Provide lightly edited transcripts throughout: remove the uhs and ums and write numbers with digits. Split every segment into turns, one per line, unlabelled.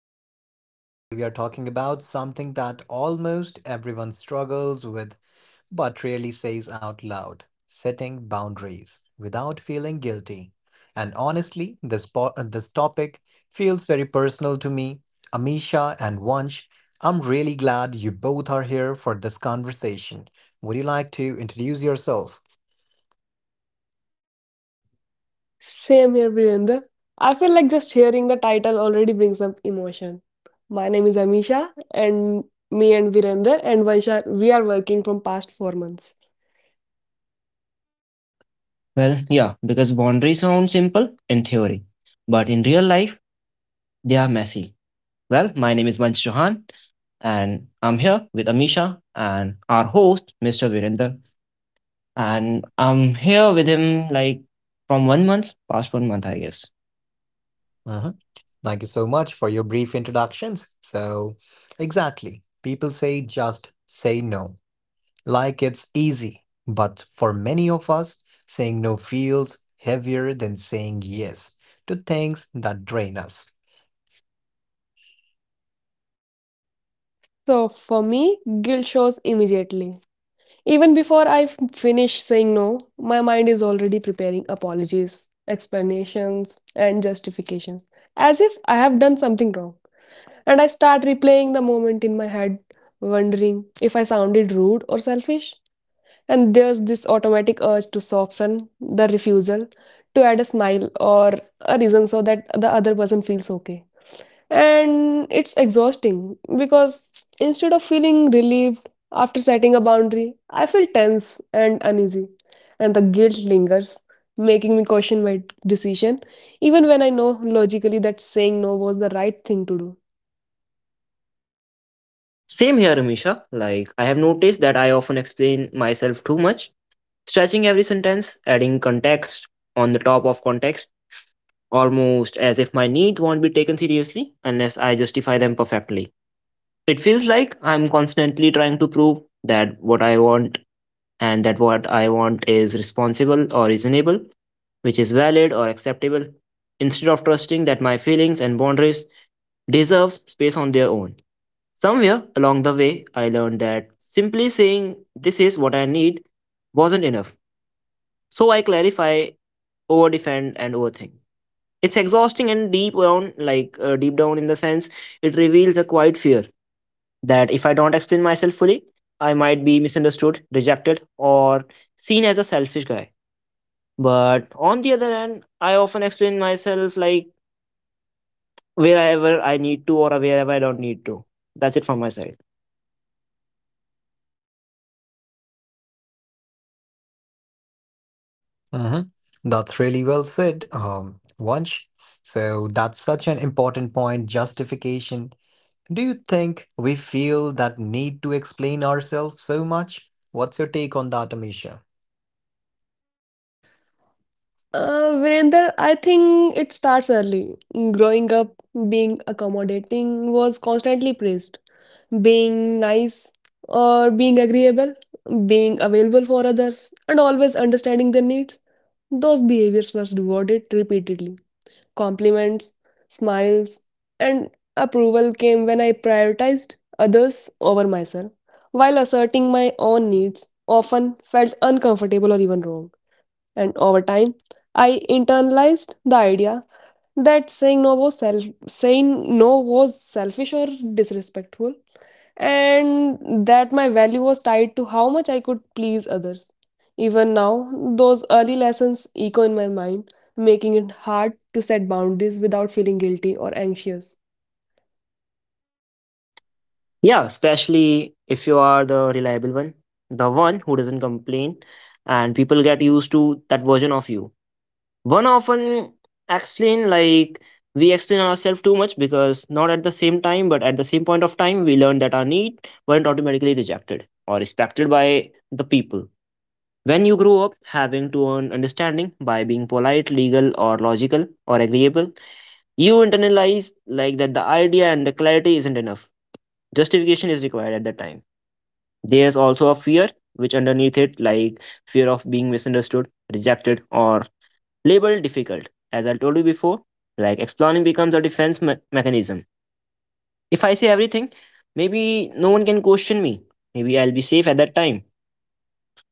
Hello, so today we are talking about something that almost everyone struggles with but rarely says out loud: setting boundaries without feeling guilty. And honestly, this topic feels very personal to me. Amisha and Vansh, I'm really glad you both are here for this conversation. Would you like to introduce yourself?
Same here, Virender. I feel like just hearing the title already brings up emotion. My name is Amisha, and me and Virender and Vansha, we are working from past 4 months.
Well, yeah, because boundaries sound simple in theory, but in real life, they are messy. Well, my name is Vansh Johan, and I'm here with Amisha and our host, Mr. Virender. And I'm here with him like from one month, past one month, I guess.
Mhm. Thank you so much for your brief introductions. So, exactly, people say just say no. Like it's easy. But for many of us, saying no feels heavier than saying yes to things that drain us.
So for me, guilt shows immediately. Even before I finish saying no, my mind is already preparing apologies, explanations, and justifications, as if I have done something wrong. And I start replaying the moment in my head, wondering if I sounded rude or selfish. And there's this automatic urge to soften the refusal, to add a smile or a reason so that the other person feels okay. And it's exhausting because instead of feeling relieved after setting a boundary, I feel tense and uneasy. And the guilt lingers, making me question my decision, even when I know logically that saying no was the right thing to do.
Same here, Amisha. Like, I have noticed that I often explain myself too much, stretching every sentence, adding context on the top of context, almost as if my needs won't be taken seriously unless I justify them perfectly. It feels like I'm constantly trying to prove that what I want and that what I want is responsible or reasonable, which is valid or acceptable, instead of trusting that my feelings and boundaries deserve space on their own. Somewhere along the way, I learned that simply saying this is what I need wasn't enough. So I clarify, overdefend, and overthink. It's exhausting and deep down, deep down in the sense it reveals a quiet fear that if I don't explain myself fully, I might be misunderstood, rejected, or seen as a selfish guy. But on the other hand, I often explain myself like wherever I need to or wherever I don't need to. That's it from my side.
Mhm. That's really well said, Vansh. So that's such an important point, justification. Do you think we feel that need to explain ourselves so much? What's your take on that, Amisha?
Virender, I think it starts early. Growing up, being accommodating was constantly praised. Being nice or being agreeable, being available for others, and always understanding their needs. Those behaviors were rewarded repeatedly. Compliments, smiles, and approval came when I prioritized others over myself, while asserting my own needs often felt uncomfortable or even wrong. And over time, I internalized the idea that saying no was selfish or disrespectful, and that my value was tied to how much I could please others. Even now, those early lessons echo in my mind, making it hard to set boundaries without feeling guilty or anxious.
Yeah, especially if you are the reliable one, the one who doesn't complain, and people get used to that version of you. One often explain like we explain ourselves too much because not at the same time but at the same point of time we learn that our need weren't automatically rejected or respected by the people. When you grow up having to earn understanding by being polite legal or logical or agreeable, you internalize like that the idea and the clarity isn't enough. Justification is required at the time. There's also a fear which underneath it like fear of being misunderstood, rejected, or label difficult. As I told you before, like explaining becomes a defense mechanism. If I say everything, maybe no one can question me. Maybe I'll be safe at that time.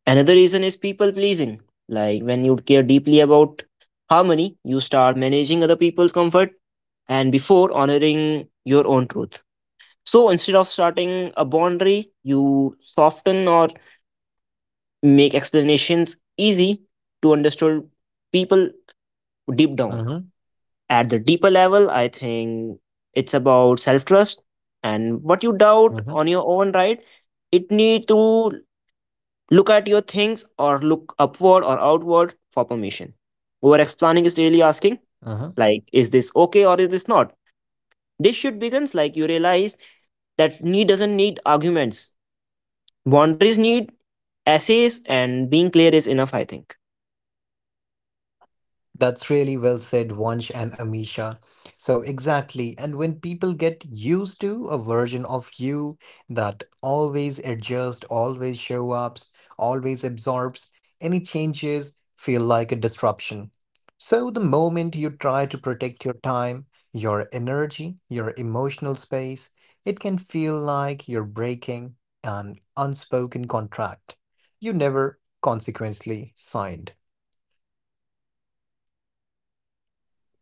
Another reason is people pleasing. Like when you care deeply about harmony, you start managing other people's comfort and before honoring your own truth. So instead of starting a boundary, you soften or make explanations easy to understand people deep down.
Mm-hmm,
At the deeper level, I think it's about self trust and what you doubt
mm-hmm.
on your own, right? It need to look at your things or look upward or outward for permission. Over explaining is really asking, like, is this okay or is this not? This should begins like you realize that need doesn't need arguments. Boundaries need essays and being clear is enough, I think.
That's really well said, Vansh and Amisha. So, exactly. And when people get used to a version of you that always adjusts, always show ups, always absorbs, any changes feel like a disruption. So, the moment you try to protect your time, your energy, your emotional space, it can feel like you're breaking an unspoken contract you never consequently signed.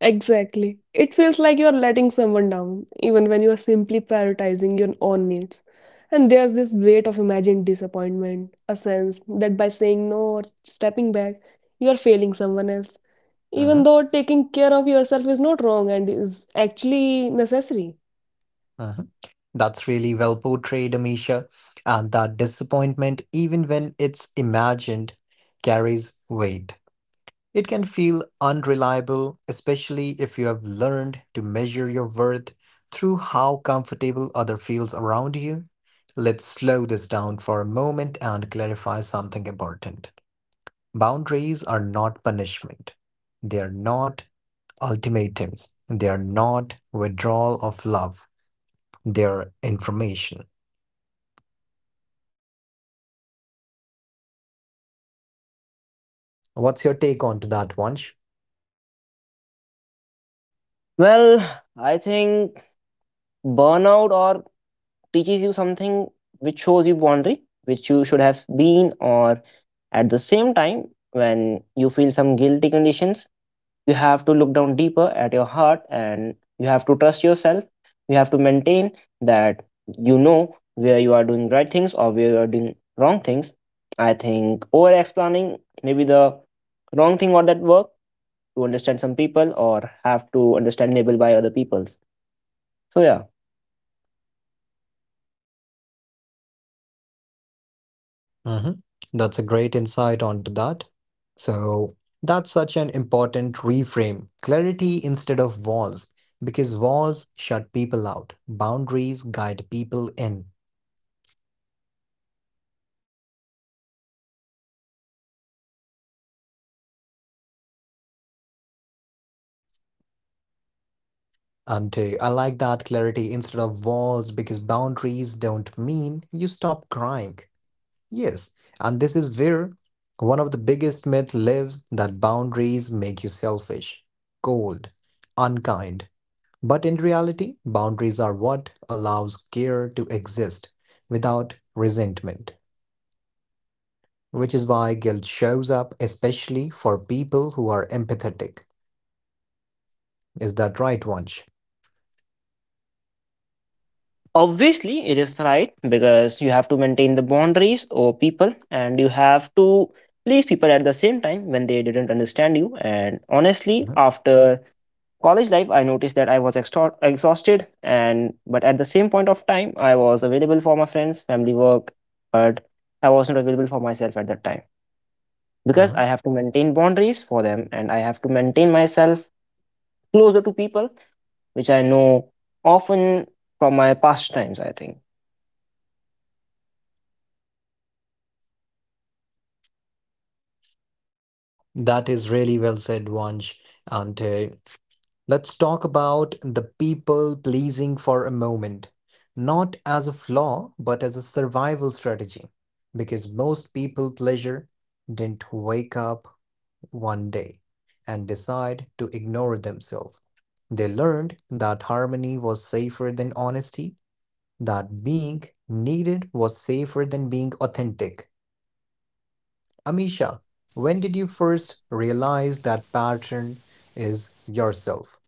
Exactly. It feels like you're letting someone down, even when you're simply prioritizing your own needs. And there's this weight of imagined disappointment, a sense that by saying no or stepping back, you're failing someone else, even
Mhm,
though taking care of yourself is not wrong and is actually necessary.
mhm. That's really well portrayed, Amisha. And that disappointment, even when it's imagined, carries weight. It can feel unreliable, especially if you have learned to measure your worth through how comfortable other feels around you. Let's slow this down for a moment and clarify something important. Boundaries are not punishment. They are not ultimatums. They are not withdrawal of love. They are information. What's your take on to that, one?
Well, I think burnout or teaches you something which shows you boundary, which you should have been, or at the same time, when you feel some guilty conditions, you have to look down deeper at your heart and you have to trust yourself. You have to maintain that you know where you are doing right things or where you are doing wrong things. I think over explaining maybe the wrong thing or that work to understand some people or have to understandable by other peoples. So yeah.
Hmm. That's a great insight onto that. So that's such an important reframe. Clarity instead of walls, because walls shut people out, boundaries guide people in. And I like that clarity instead of walls because boundaries don't mean you stop crying. Yes, and this is where one of the biggest myths lives that boundaries make you selfish, cold, unkind, but in reality, boundaries are what allows care to exist without resentment, which is why guilt shows up, especially for people who are empathetic. Is that right, Vansh?
Obviously, it is right because you have to maintain the boundaries or people and you have to please people at the same time when they didn't understand you. And honestly,
Mhm,
after college life, I noticed that I was exhausted and but at the same point of time, I was available for my friends, family work, but I wasn't available for myself at that time because
mhm.
I have to maintain boundaries for them and I have to maintain myself closer to people which I know often from my past times, I think.
That is really well said, Vansh. And let's talk about the people pleasing for a moment, not as a flaw, but as a survival strategy, because most people pleasure didn't wake up one day and decide to ignore themselves. They learned that harmony was safer than honesty, that being needed was safer than being authentic. Amisha, when did you first realize that pattern is yourself?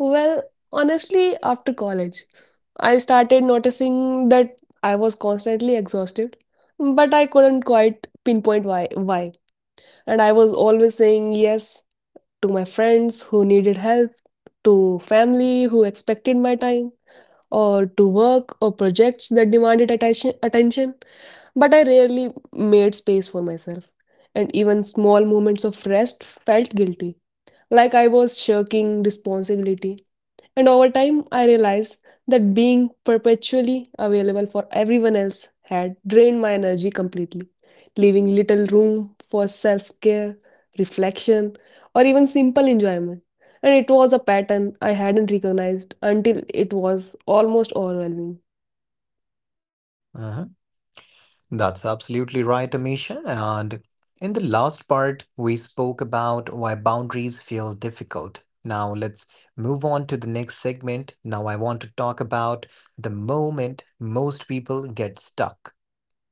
Well, honestly, after college, I started noticing that I was constantly exhausted, but I couldn't quite pinpoint why, and I was always saying yes to my friends who needed help, to family who expected my time, or to work or projects that demanded attention. But I rarely made space for myself, and even small moments of rest felt guilty, like I was shirking responsibility. And over time, I realized that being perpetually available for everyone else had drained my energy completely, leaving little room for self care, reflection, or even simple enjoyment. And it was a pattern I hadn't recognized until it was almost overwhelming.
Uh-huh. That's absolutely right, Amisha. And in the last part, we spoke about why boundaries feel difficult. Now let's move on to the next segment. Now I want to talk about the moment most people get stuck.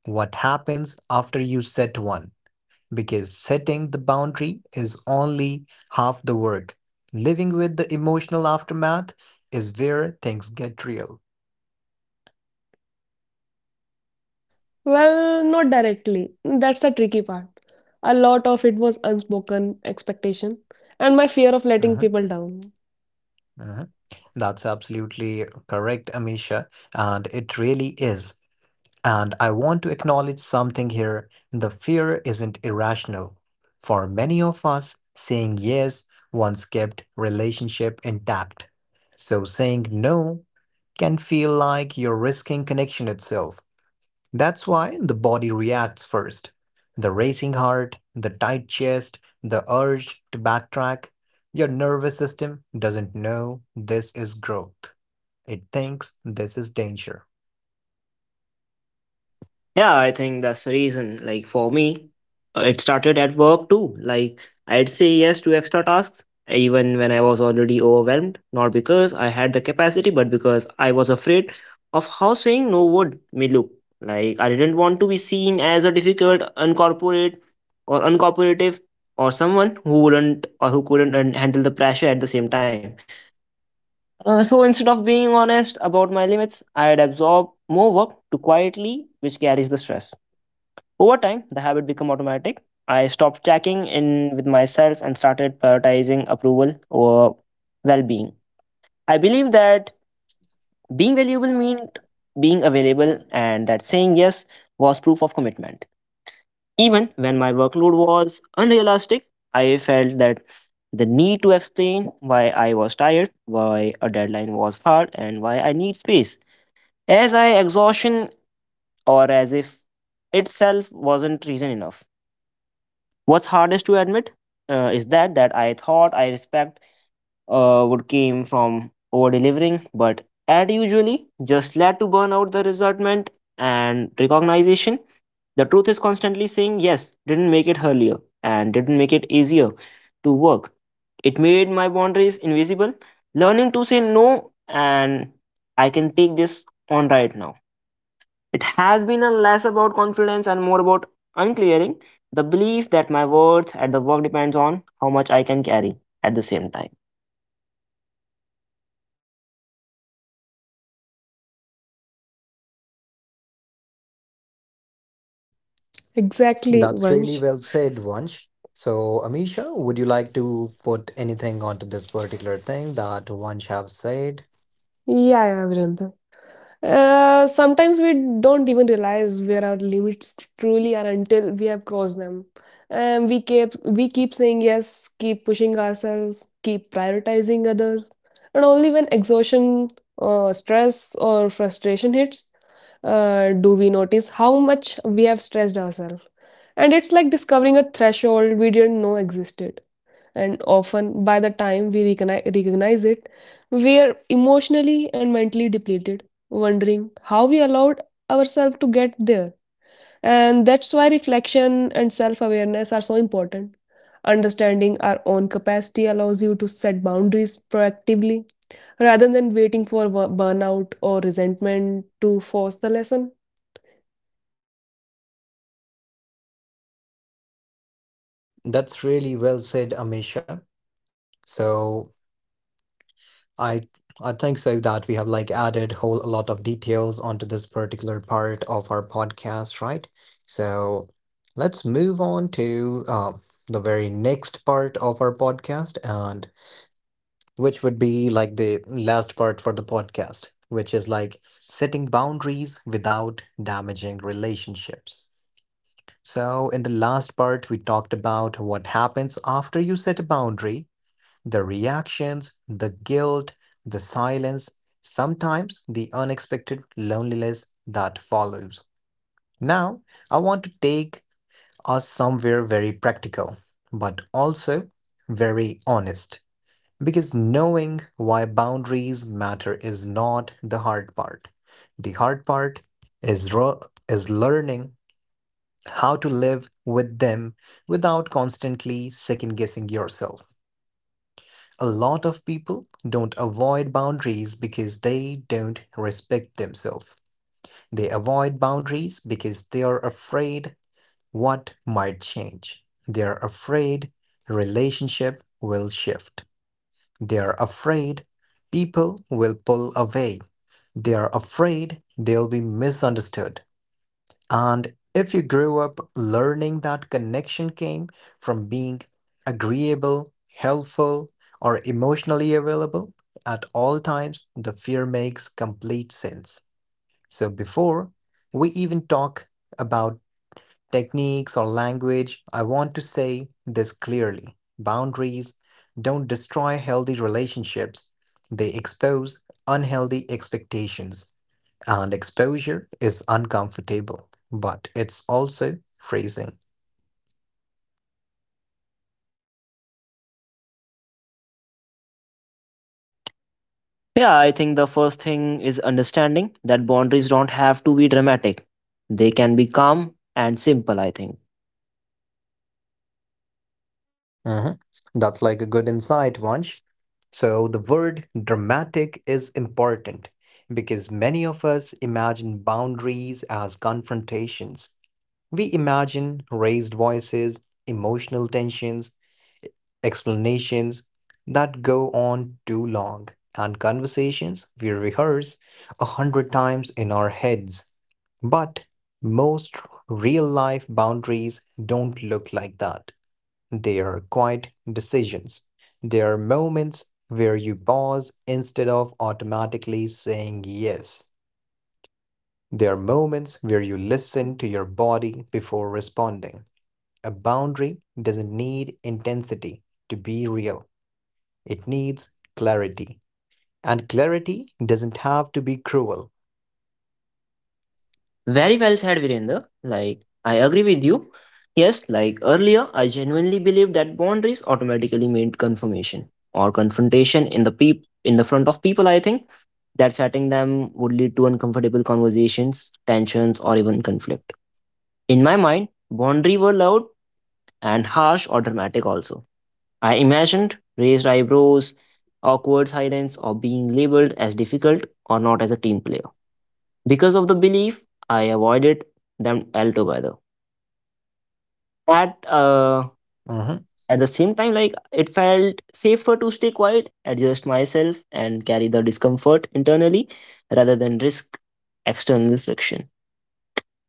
What happens after you set one? Because setting the boundary is only half the work. Living with the emotional aftermath is where things get real.
Well, not directly. That's the tricky part. A lot of it was unspoken expectation and my fear of letting
Uh-huh,
people down.
uh-huh. That's absolutely correct, Amisha, and it really is. And I want to acknowledge something here. The fear isn't irrational. For many of us, saying yes once kept relationship intact. So saying no can feel like you're risking connection itself. That's why the body reacts first. The racing heart, the tight chest, the urge to backtrack. Your nervous system doesn't know this is growth. It thinks this is danger.
Yeah, I think that's the reason. Like for me, it started at work too. Like I'd say yes to extra tasks even when I was already overwhelmed, not because I had the capacity, but because I was afraid of how saying no would me look. Like I didn't want to be seen as a difficult, uncorporate or uncooperative or someone who wouldn't or who couldn't handle the pressure at the same time. So instead of being honest about my limits, I'd absorb more work to quietly, which carries the stress. Over time, the habit became automatic. I stopped checking in with myself and started prioritizing approval over well being. I believe that being valuable meant being available and that saying yes was proof of commitment. Even when my workload was unrealistic, I felt that the need to explain why I was tired, why a deadline was hard, and why I need space. As I exhaustion or as if itself wasn't reason enough. What's hardest to admit is that I thought I respect would came from over delivering, but ad usually just led to burn out the resentment and recognition. The truth is constantly saying yes, didn't make it earlier and didn't make it easier to work. It made my boundaries invisible. Learning to say no and I can take this on right now it has been a less about confidence and more about unclearing the belief that my worth at the work depends on how much I can carry at the same time.
Exactly,
That's really
Vansh.
well said, Vansh. So, Amisha, would you like to put anything onto this particular thing that Vansh have said?
Yeah, yeah, Virendra. Sometimes we don't even realize where our limits truly are until we have crossed them. And we keep saying yes, keep pushing ourselves, keep prioritizing others, and only when exhaustion, stress, or frustration hits, do we notice how much we have stressed ourselves. And it's like discovering a threshold we didn't know existed, and often by the time we recognize it, we are emotionally and mentally depleted, wondering how we allowed ourselves to get there. And that's why reflection and self-awareness are so important. Understanding our own capacity allows you to set boundaries proactively rather than waiting for burnout or resentment to force the lesson.
That's really well said, Amisha. So, I I think so that we have like added whole a lot of details onto this particular part of our podcast, right? So let's move on to the very next part of our podcast, and which would be like the last part for the podcast, which is like setting boundaries without damaging relationships. So in the last part, we talked about what happens after you set a boundary: the reactions, the guilt, the silence, sometimes the unexpected loneliness that follows. Now, I want to take us somewhere very practical, but also very honest. Because knowing why boundaries matter is not the hard part. The hard part is, ro- is learning how to live with them without constantly second guessing yourself. A lot of people don't avoid boundaries because they don't respect themselves. They avoid boundaries because they are afraid what might change. They are afraid relationship will shift. They are afraid people will pull away. They are afraid they'll be misunderstood. And if you grew up learning that connection came from being agreeable, helpful, or emotionally available at all times, the fear makes complete sense. So before we even talk about techniques or language, I want to say this clearly: boundaries don't destroy healthy relationships, they expose unhealthy expectations. And exposure is uncomfortable, but it's also freezing.
Yeah, I think the first thing is understanding that boundaries don't have to be dramatic. They can be calm and simple, I think.
Mhm. That's like a good insight, Vansh. So, the word dramatic is important because many of us imagine boundaries as confrontations. We imagine raised voices, emotional tensions, explanations that go on too long, and conversations we rehearse a hundred times in our heads. But most real life boundaries don't look like that. They are quiet decisions. They are moments where you pause instead of automatically saying yes. There are moments where you listen to your body before responding. A boundary doesn't need intensity to be real. It needs clarity. And clarity doesn't have to be cruel.
Very well said, Virender. Like, I agree with you. Yes, like earlier, I genuinely believed that boundaries automatically meant confirmation or confrontation in the front of people, I think. That setting them would lead to uncomfortable conversations, tensions, or even conflict. In my mind, boundaries were loud and harsh or dramatic also. I imagined raised eyebrows, awkward silence, or being labeled as difficult or not as a team player. Because of the belief, I avoided them altogether. At uh,
Mhm,
at the same time, like it felt safer to stay quiet, adjust myself, and carry the discomfort internally rather than risk external friction.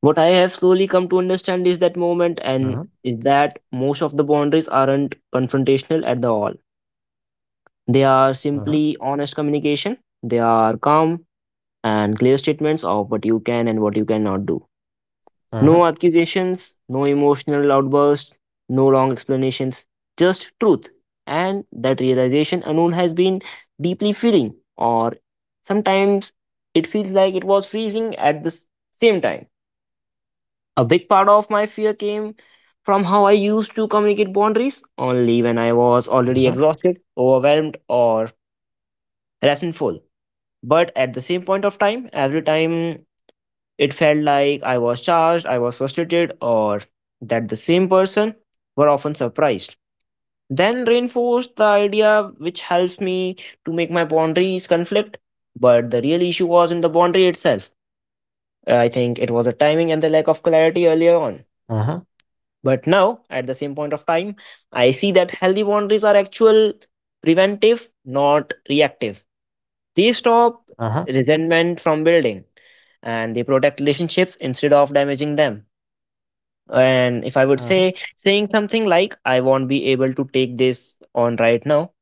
What I have slowly come to understand is that moment and
mhm,
is that most of the boundaries aren't confrontational at the all. They are
mhm,
simply honest communication. They are calm and clear statements of what you can and what you cannot do.
mhm,
No accusations, no emotional outbursts, no long explanations, just truth. And that realization Anul has been deeply feeling, or sometimes it feels like it was freezing at the same time. A big part of my fear came from how I used to communicate boundaries only when I was already
mhm,
exhausted, overwhelmed, or resentful. But at the same point of time, every time it felt like I was charged, I was frustrated, or that the same person were often surprised. Then reinforced the idea which helps me to make my boundaries conflict. But the real issue was in the boundary itself. I think it was the timing and the lack of clarity earlier on.
mhm,
But now, at the same point of time, I see that healthy boundaries are actual preventive, not reactive. They stop
mhm, mhm,
resentment from building and they protect relationships instead of damaging them. And if I would
mhm,
say saying something like, I won't be able to take this on right now,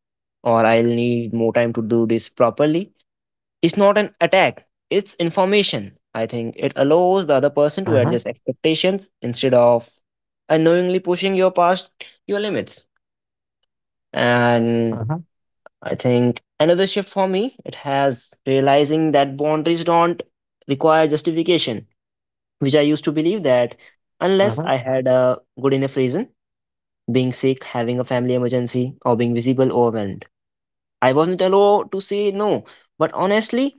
or I'll need more time to do this properly, it's not an attack, it's information. I think it allows the other person to
mhm, mhm,
adjust expectations instead of unknowingly pushing your past your limits. And
mhm,
I think another shift for me, it has realizing that boundaries don't require justification, which I used to believe that unless
mhm,
I
mhm,
had a good enough reason, being sick, having a family emergency, or being visible overwhelmed. I wasn't allowed to say no. But honestly,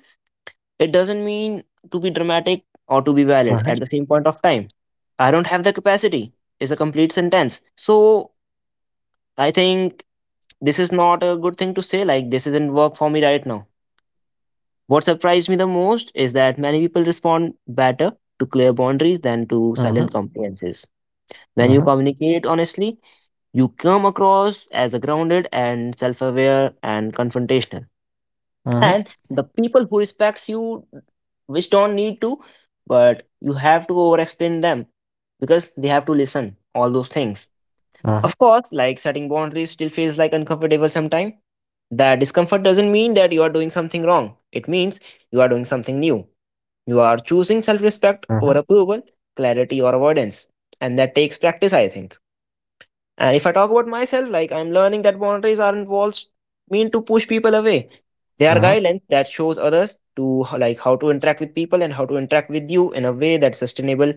it doesn't mean to be dramatic or to be valid at the same point of time. I don't have the capacity is a complete sentence. So I think this is not a good thing to say, like, this isn't work for me right now. What surprised me the most is that many people respond better to clear boundaries than to
mhm,
silent compliances. When you communicate honestly, you come across as a grounded and self aware and confrontational. And the people who respects you which don't need to but you have to over explain them because they have to listen all those things. Of course like setting boundaries still feels like uncomfortable sometimes. That discomfort doesn't mean that you are doing something wrong, it means you are doing something new. You are choosing self-respect
mhm,
over
mhm,
approval, clarity or avoidance, and that takes practice I think. And if I talk about myself, like I'm learning that boundaries aren't walls mean to push people away. They are
mhm,
guidelines that shows others to like how to interact with people and how to interact with you in a way that's sustainable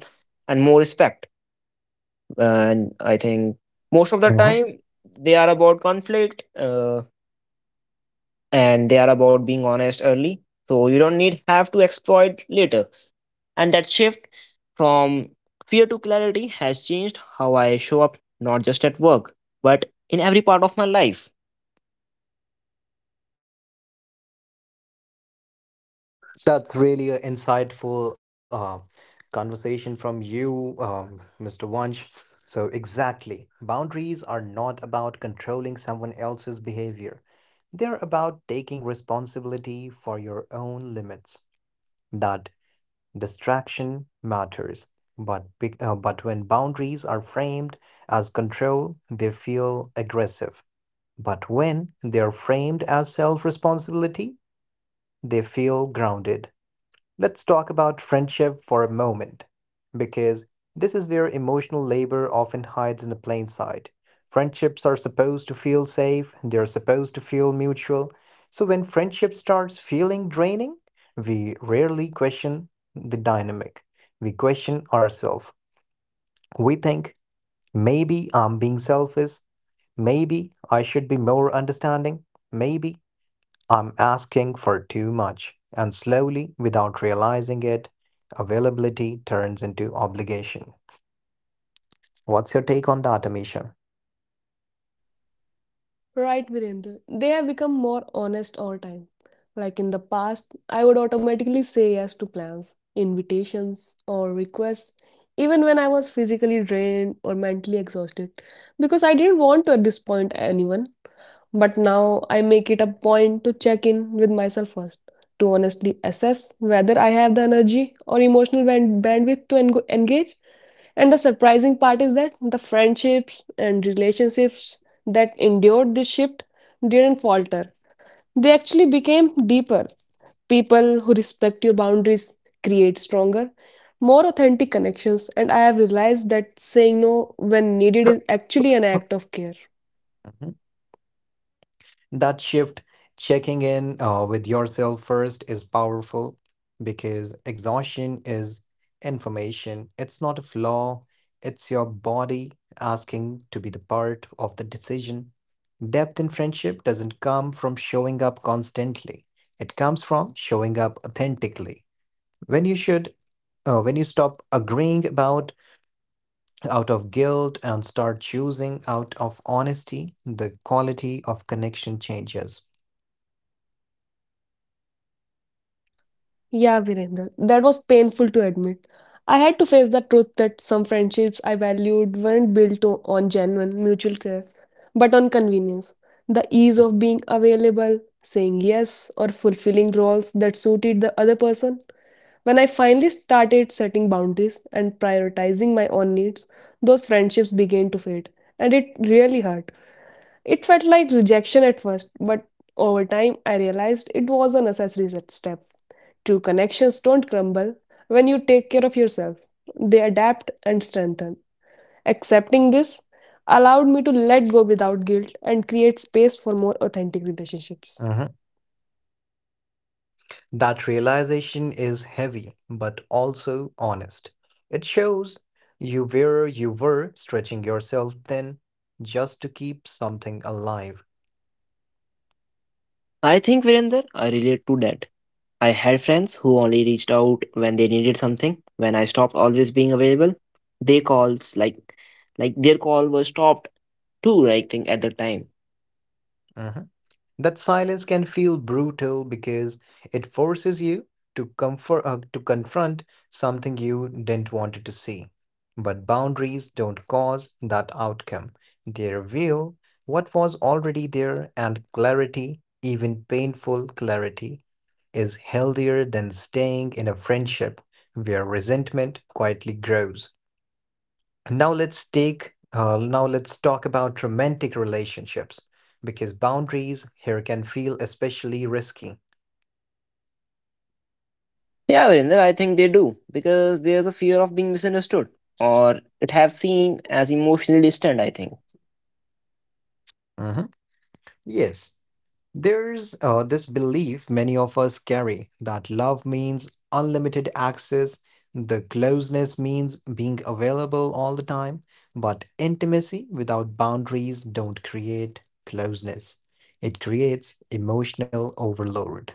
and more respect. And I think most of the
mhm.
time they are about conflict and they are about being honest early. So you don't need have to exploit later. And that shift from fear to clarity has changed how I show up not just at work but in every part of my life.
That's really an insightful conversation from you, Mr. Wunsch. So, exactly. Boundaries are not about controlling someone else's behavior, they're about taking responsibility for your own limits. That distraction matters, but when boundaries are framed as control, they feel aggressive. But when they are framed as self responsibility, they feel grounded. Let's talk about friendship for a moment, because this is where emotional labor often hides in the plain sight. Friendships are supposed to feel safe, they're supposed to feel mutual. So when friendship starts feeling draining, we rarely question the dynamic. We question ourselves. We think, maybe I'm being selfish, maybe I should be more understanding, maybe I'm asking for too much, and slowly, without realizing it, availability turns into obligation. What's your take on that, Amisha?
Right, Virendra. They have become more honest over time. Like in the past, I would automatically say yes to plans, invitations, or requests, even when I was physically drained or mentally exhausted, because I didn't want to disappoint anyone. But now I make it a point to check in with myself first, to honestly assess whether I have the energy or emotional bandwidth to engage. And the surprising part is that the friendships and relationships that endured this shift didn't falter. They actually became deeper. People who respect your boundaries create stronger, more authentic connections, and I have realized that saying no when needed is actually an act of care.
Mhm. That shift, checking in with yourself first, is powerful because exhaustion is information. It's not a flaw, it's your body asking to be the part of the decision. Depth in friendship doesn't come from showing up constantly, it comes from showing up authentically. when you should when you stop agreeing about out of guilt and start choosing out of honesty, the quality of connection changes.
Yeah, Virender, that was painful to admit. I had to face the truth that some friendships I valued weren't built on genuine mutual care, but on convenience. The ease of being available, saying yes, or fulfilling roles that suited the other person. When I finally started setting boundaries and prioritizing my own needs, those friendships began to fade, and it really hurt. It felt like rejection at first, but over time I realized it was a necessary step. True connections don't crumble when you take care of yourself, they adapt and strengthen. Accepting this allowed me to let go without guilt and create space for more authentic relationships.
That realization is heavy, but also honest. It shows you where you were stretching yourself thin just to keep something alive.
I think, Virender, I relate to that. I had friends who only reached out when they needed something. When I stopped always being available, they calls like their call was stopped too, I think, at the time.
Mhm. That silence can feel brutal because it forces you to confront something you didn't want to see. But boundaries don't cause that outcome. They reveal what was already there, and clarity, even painful clarity, is healthier than staying in a friendship where resentment quietly grows. Now let's talk about romantic relationships because boundaries here can feel especially risky.
Yeah, Virender, I think they do because there's a fear of being misunderstood or it have seen as emotionally distant, I think.
Mhm. Yes, there's this belief many of us carry that love means unlimited access, the closeness means being available all the time, but intimacy without boundaries don't create closeness. It creates emotional overload.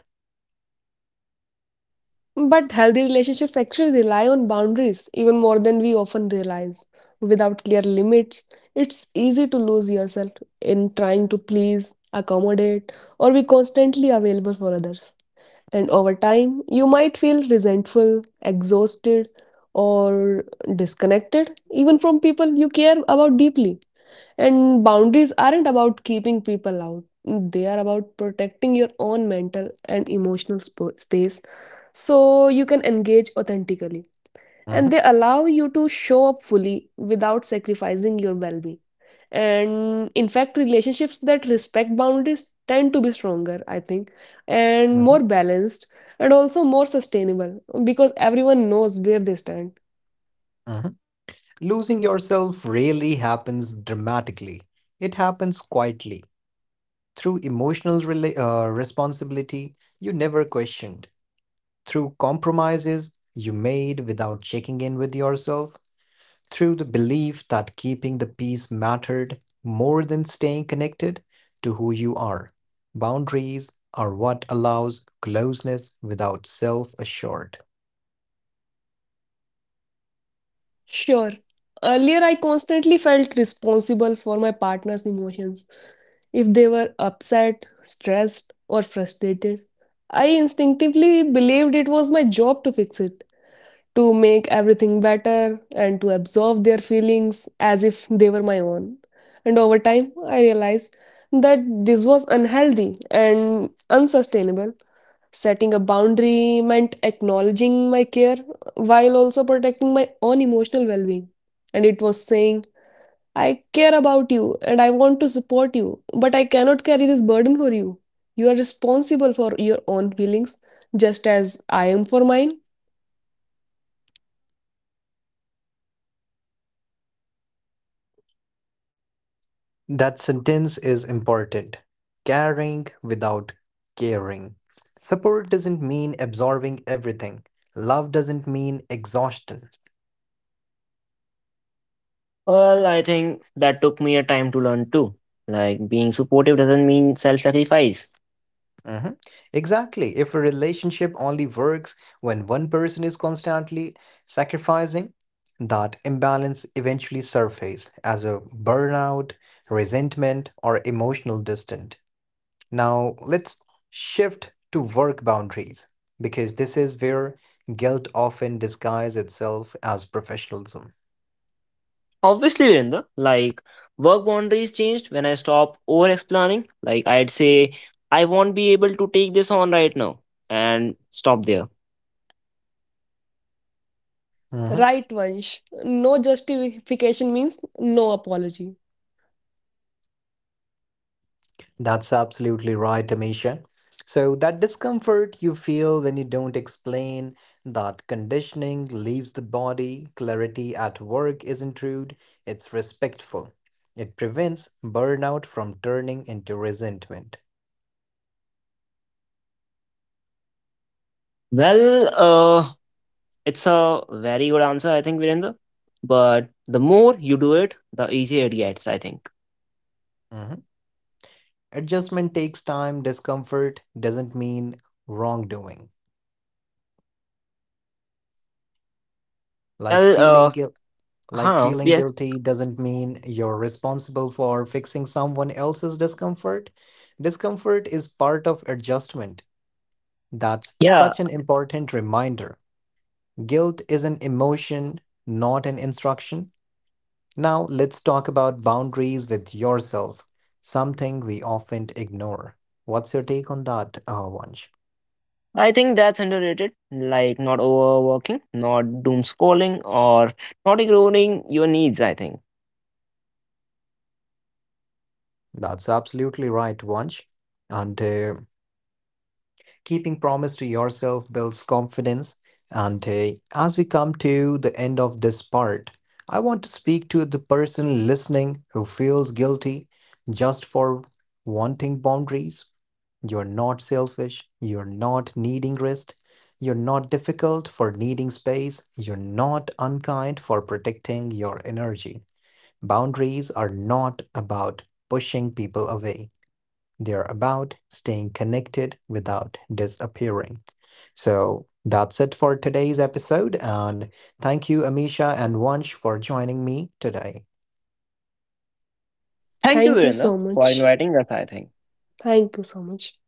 But healthy relationships actually rely on boundaries even more than we often realize. Without clear limits, it's easy to lose yourself in trying to please, accommodate, or be constantly available for others. And over time, you might feel resentful, exhausted, or disconnected, even from people you care about deeply. And boundaries aren't about keeping people out, they are about protecting your own mental and emotional space so you can engage authentically. And
Mhm,
they allow you to show up fully without sacrificing your well being. And in fact, relationships that respect boundaries tend to be stronger, I think, and
mhm,
more balanced and also more sustainable because everyone knows where they stand.
mhm. Losing yourself rarely happens dramatically. It happens quietly through emotional responsibility you never questioned, through compromises you made without checking in with yourself, through the belief that keeping the peace mattered more than staying connected to who you are. Boundaries are what allows closeness without self assured.
Sure. Earlier, I constantly felt responsible for my partner's emotions. If they were upset, stressed, or frustrated, I instinctively believed it was my job to fix it, to make everything better, and to absorb their feelings as if they were my own. And over time, I realized that this was unhealthy and unsustainable. Setting a boundary meant acknowledging my care while also protecting my own emotional well being. And it was saying, I care about you and I want to support you, but I cannot carry this burden for you. You are responsible for your own feelings, just as I am for mine.
That sentence is important. Caring without caring. Support doesn't mean absorbing everything. Love doesn't mean exhaustion.
Well, I think that took me a time to learn too. Like being supportive doesn't mean self-sacrifice.
Mhm. Exactly. If a relationship only works when one person is constantly sacrificing, that imbalance eventually surfaces as a burnout, resentment, or emotional distance. Now, let's shift to work boundaries because this is where guilt often disguises itself as professionalism.
Obviously, Virinda, like work boundaries changed when I stopped over explaining. Like I'd say, I won't be able to take this on right now and stop there.
Mm-hmm.
Right, Vansh. No justification means no apology.
That's absolutely right, Amisha. So, that discomfort you feel when you don't explain, that conditioning leaves the body, clarity at work isn't rude, it's respectful. It prevents burnout from turning into resentment.
Well, uh, it's a very good answer, I think, Virendra. But the more you do it, the easier it gets, I think.
Mhm. Adjustment takes time, discomfort doesn't mean wrongdoing. Like
Well,
feeling
uh,
guilt. Like
huh,
feeling
yes.
guilty doesn't mean you're responsible for fixing someone else's discomfort. Discomfort is part of adjustment. That's
Yeah,
such an important reminder. Guilt is an emotion, not an instruction. Now, let's talk about boundaries with yourself, something we often ignore. What's your take on that, Vansh?
I think that's underrated. Like not overworking, not doom scrolling, or not ignoring your needs, I think.
That's absolutely right, Vansh. And keeping promise to yourself builds confidence. And as we come to the end of this part, I want to speak to the person listening who feels guilty just for wanting boundaries. You're not selfish. You're not needing rest. You're not difficult for needing space. You're not unkind for protecting your energy. Boundaries are not about pushing people away. They're about staying connected without disappearing. So that's it for today's episode. And thank you, Amisha and Vansh, for joining me today.
Thank you,
Thank you
Virendra,
so
for
much.
inviting us, I think.
Thank you so much.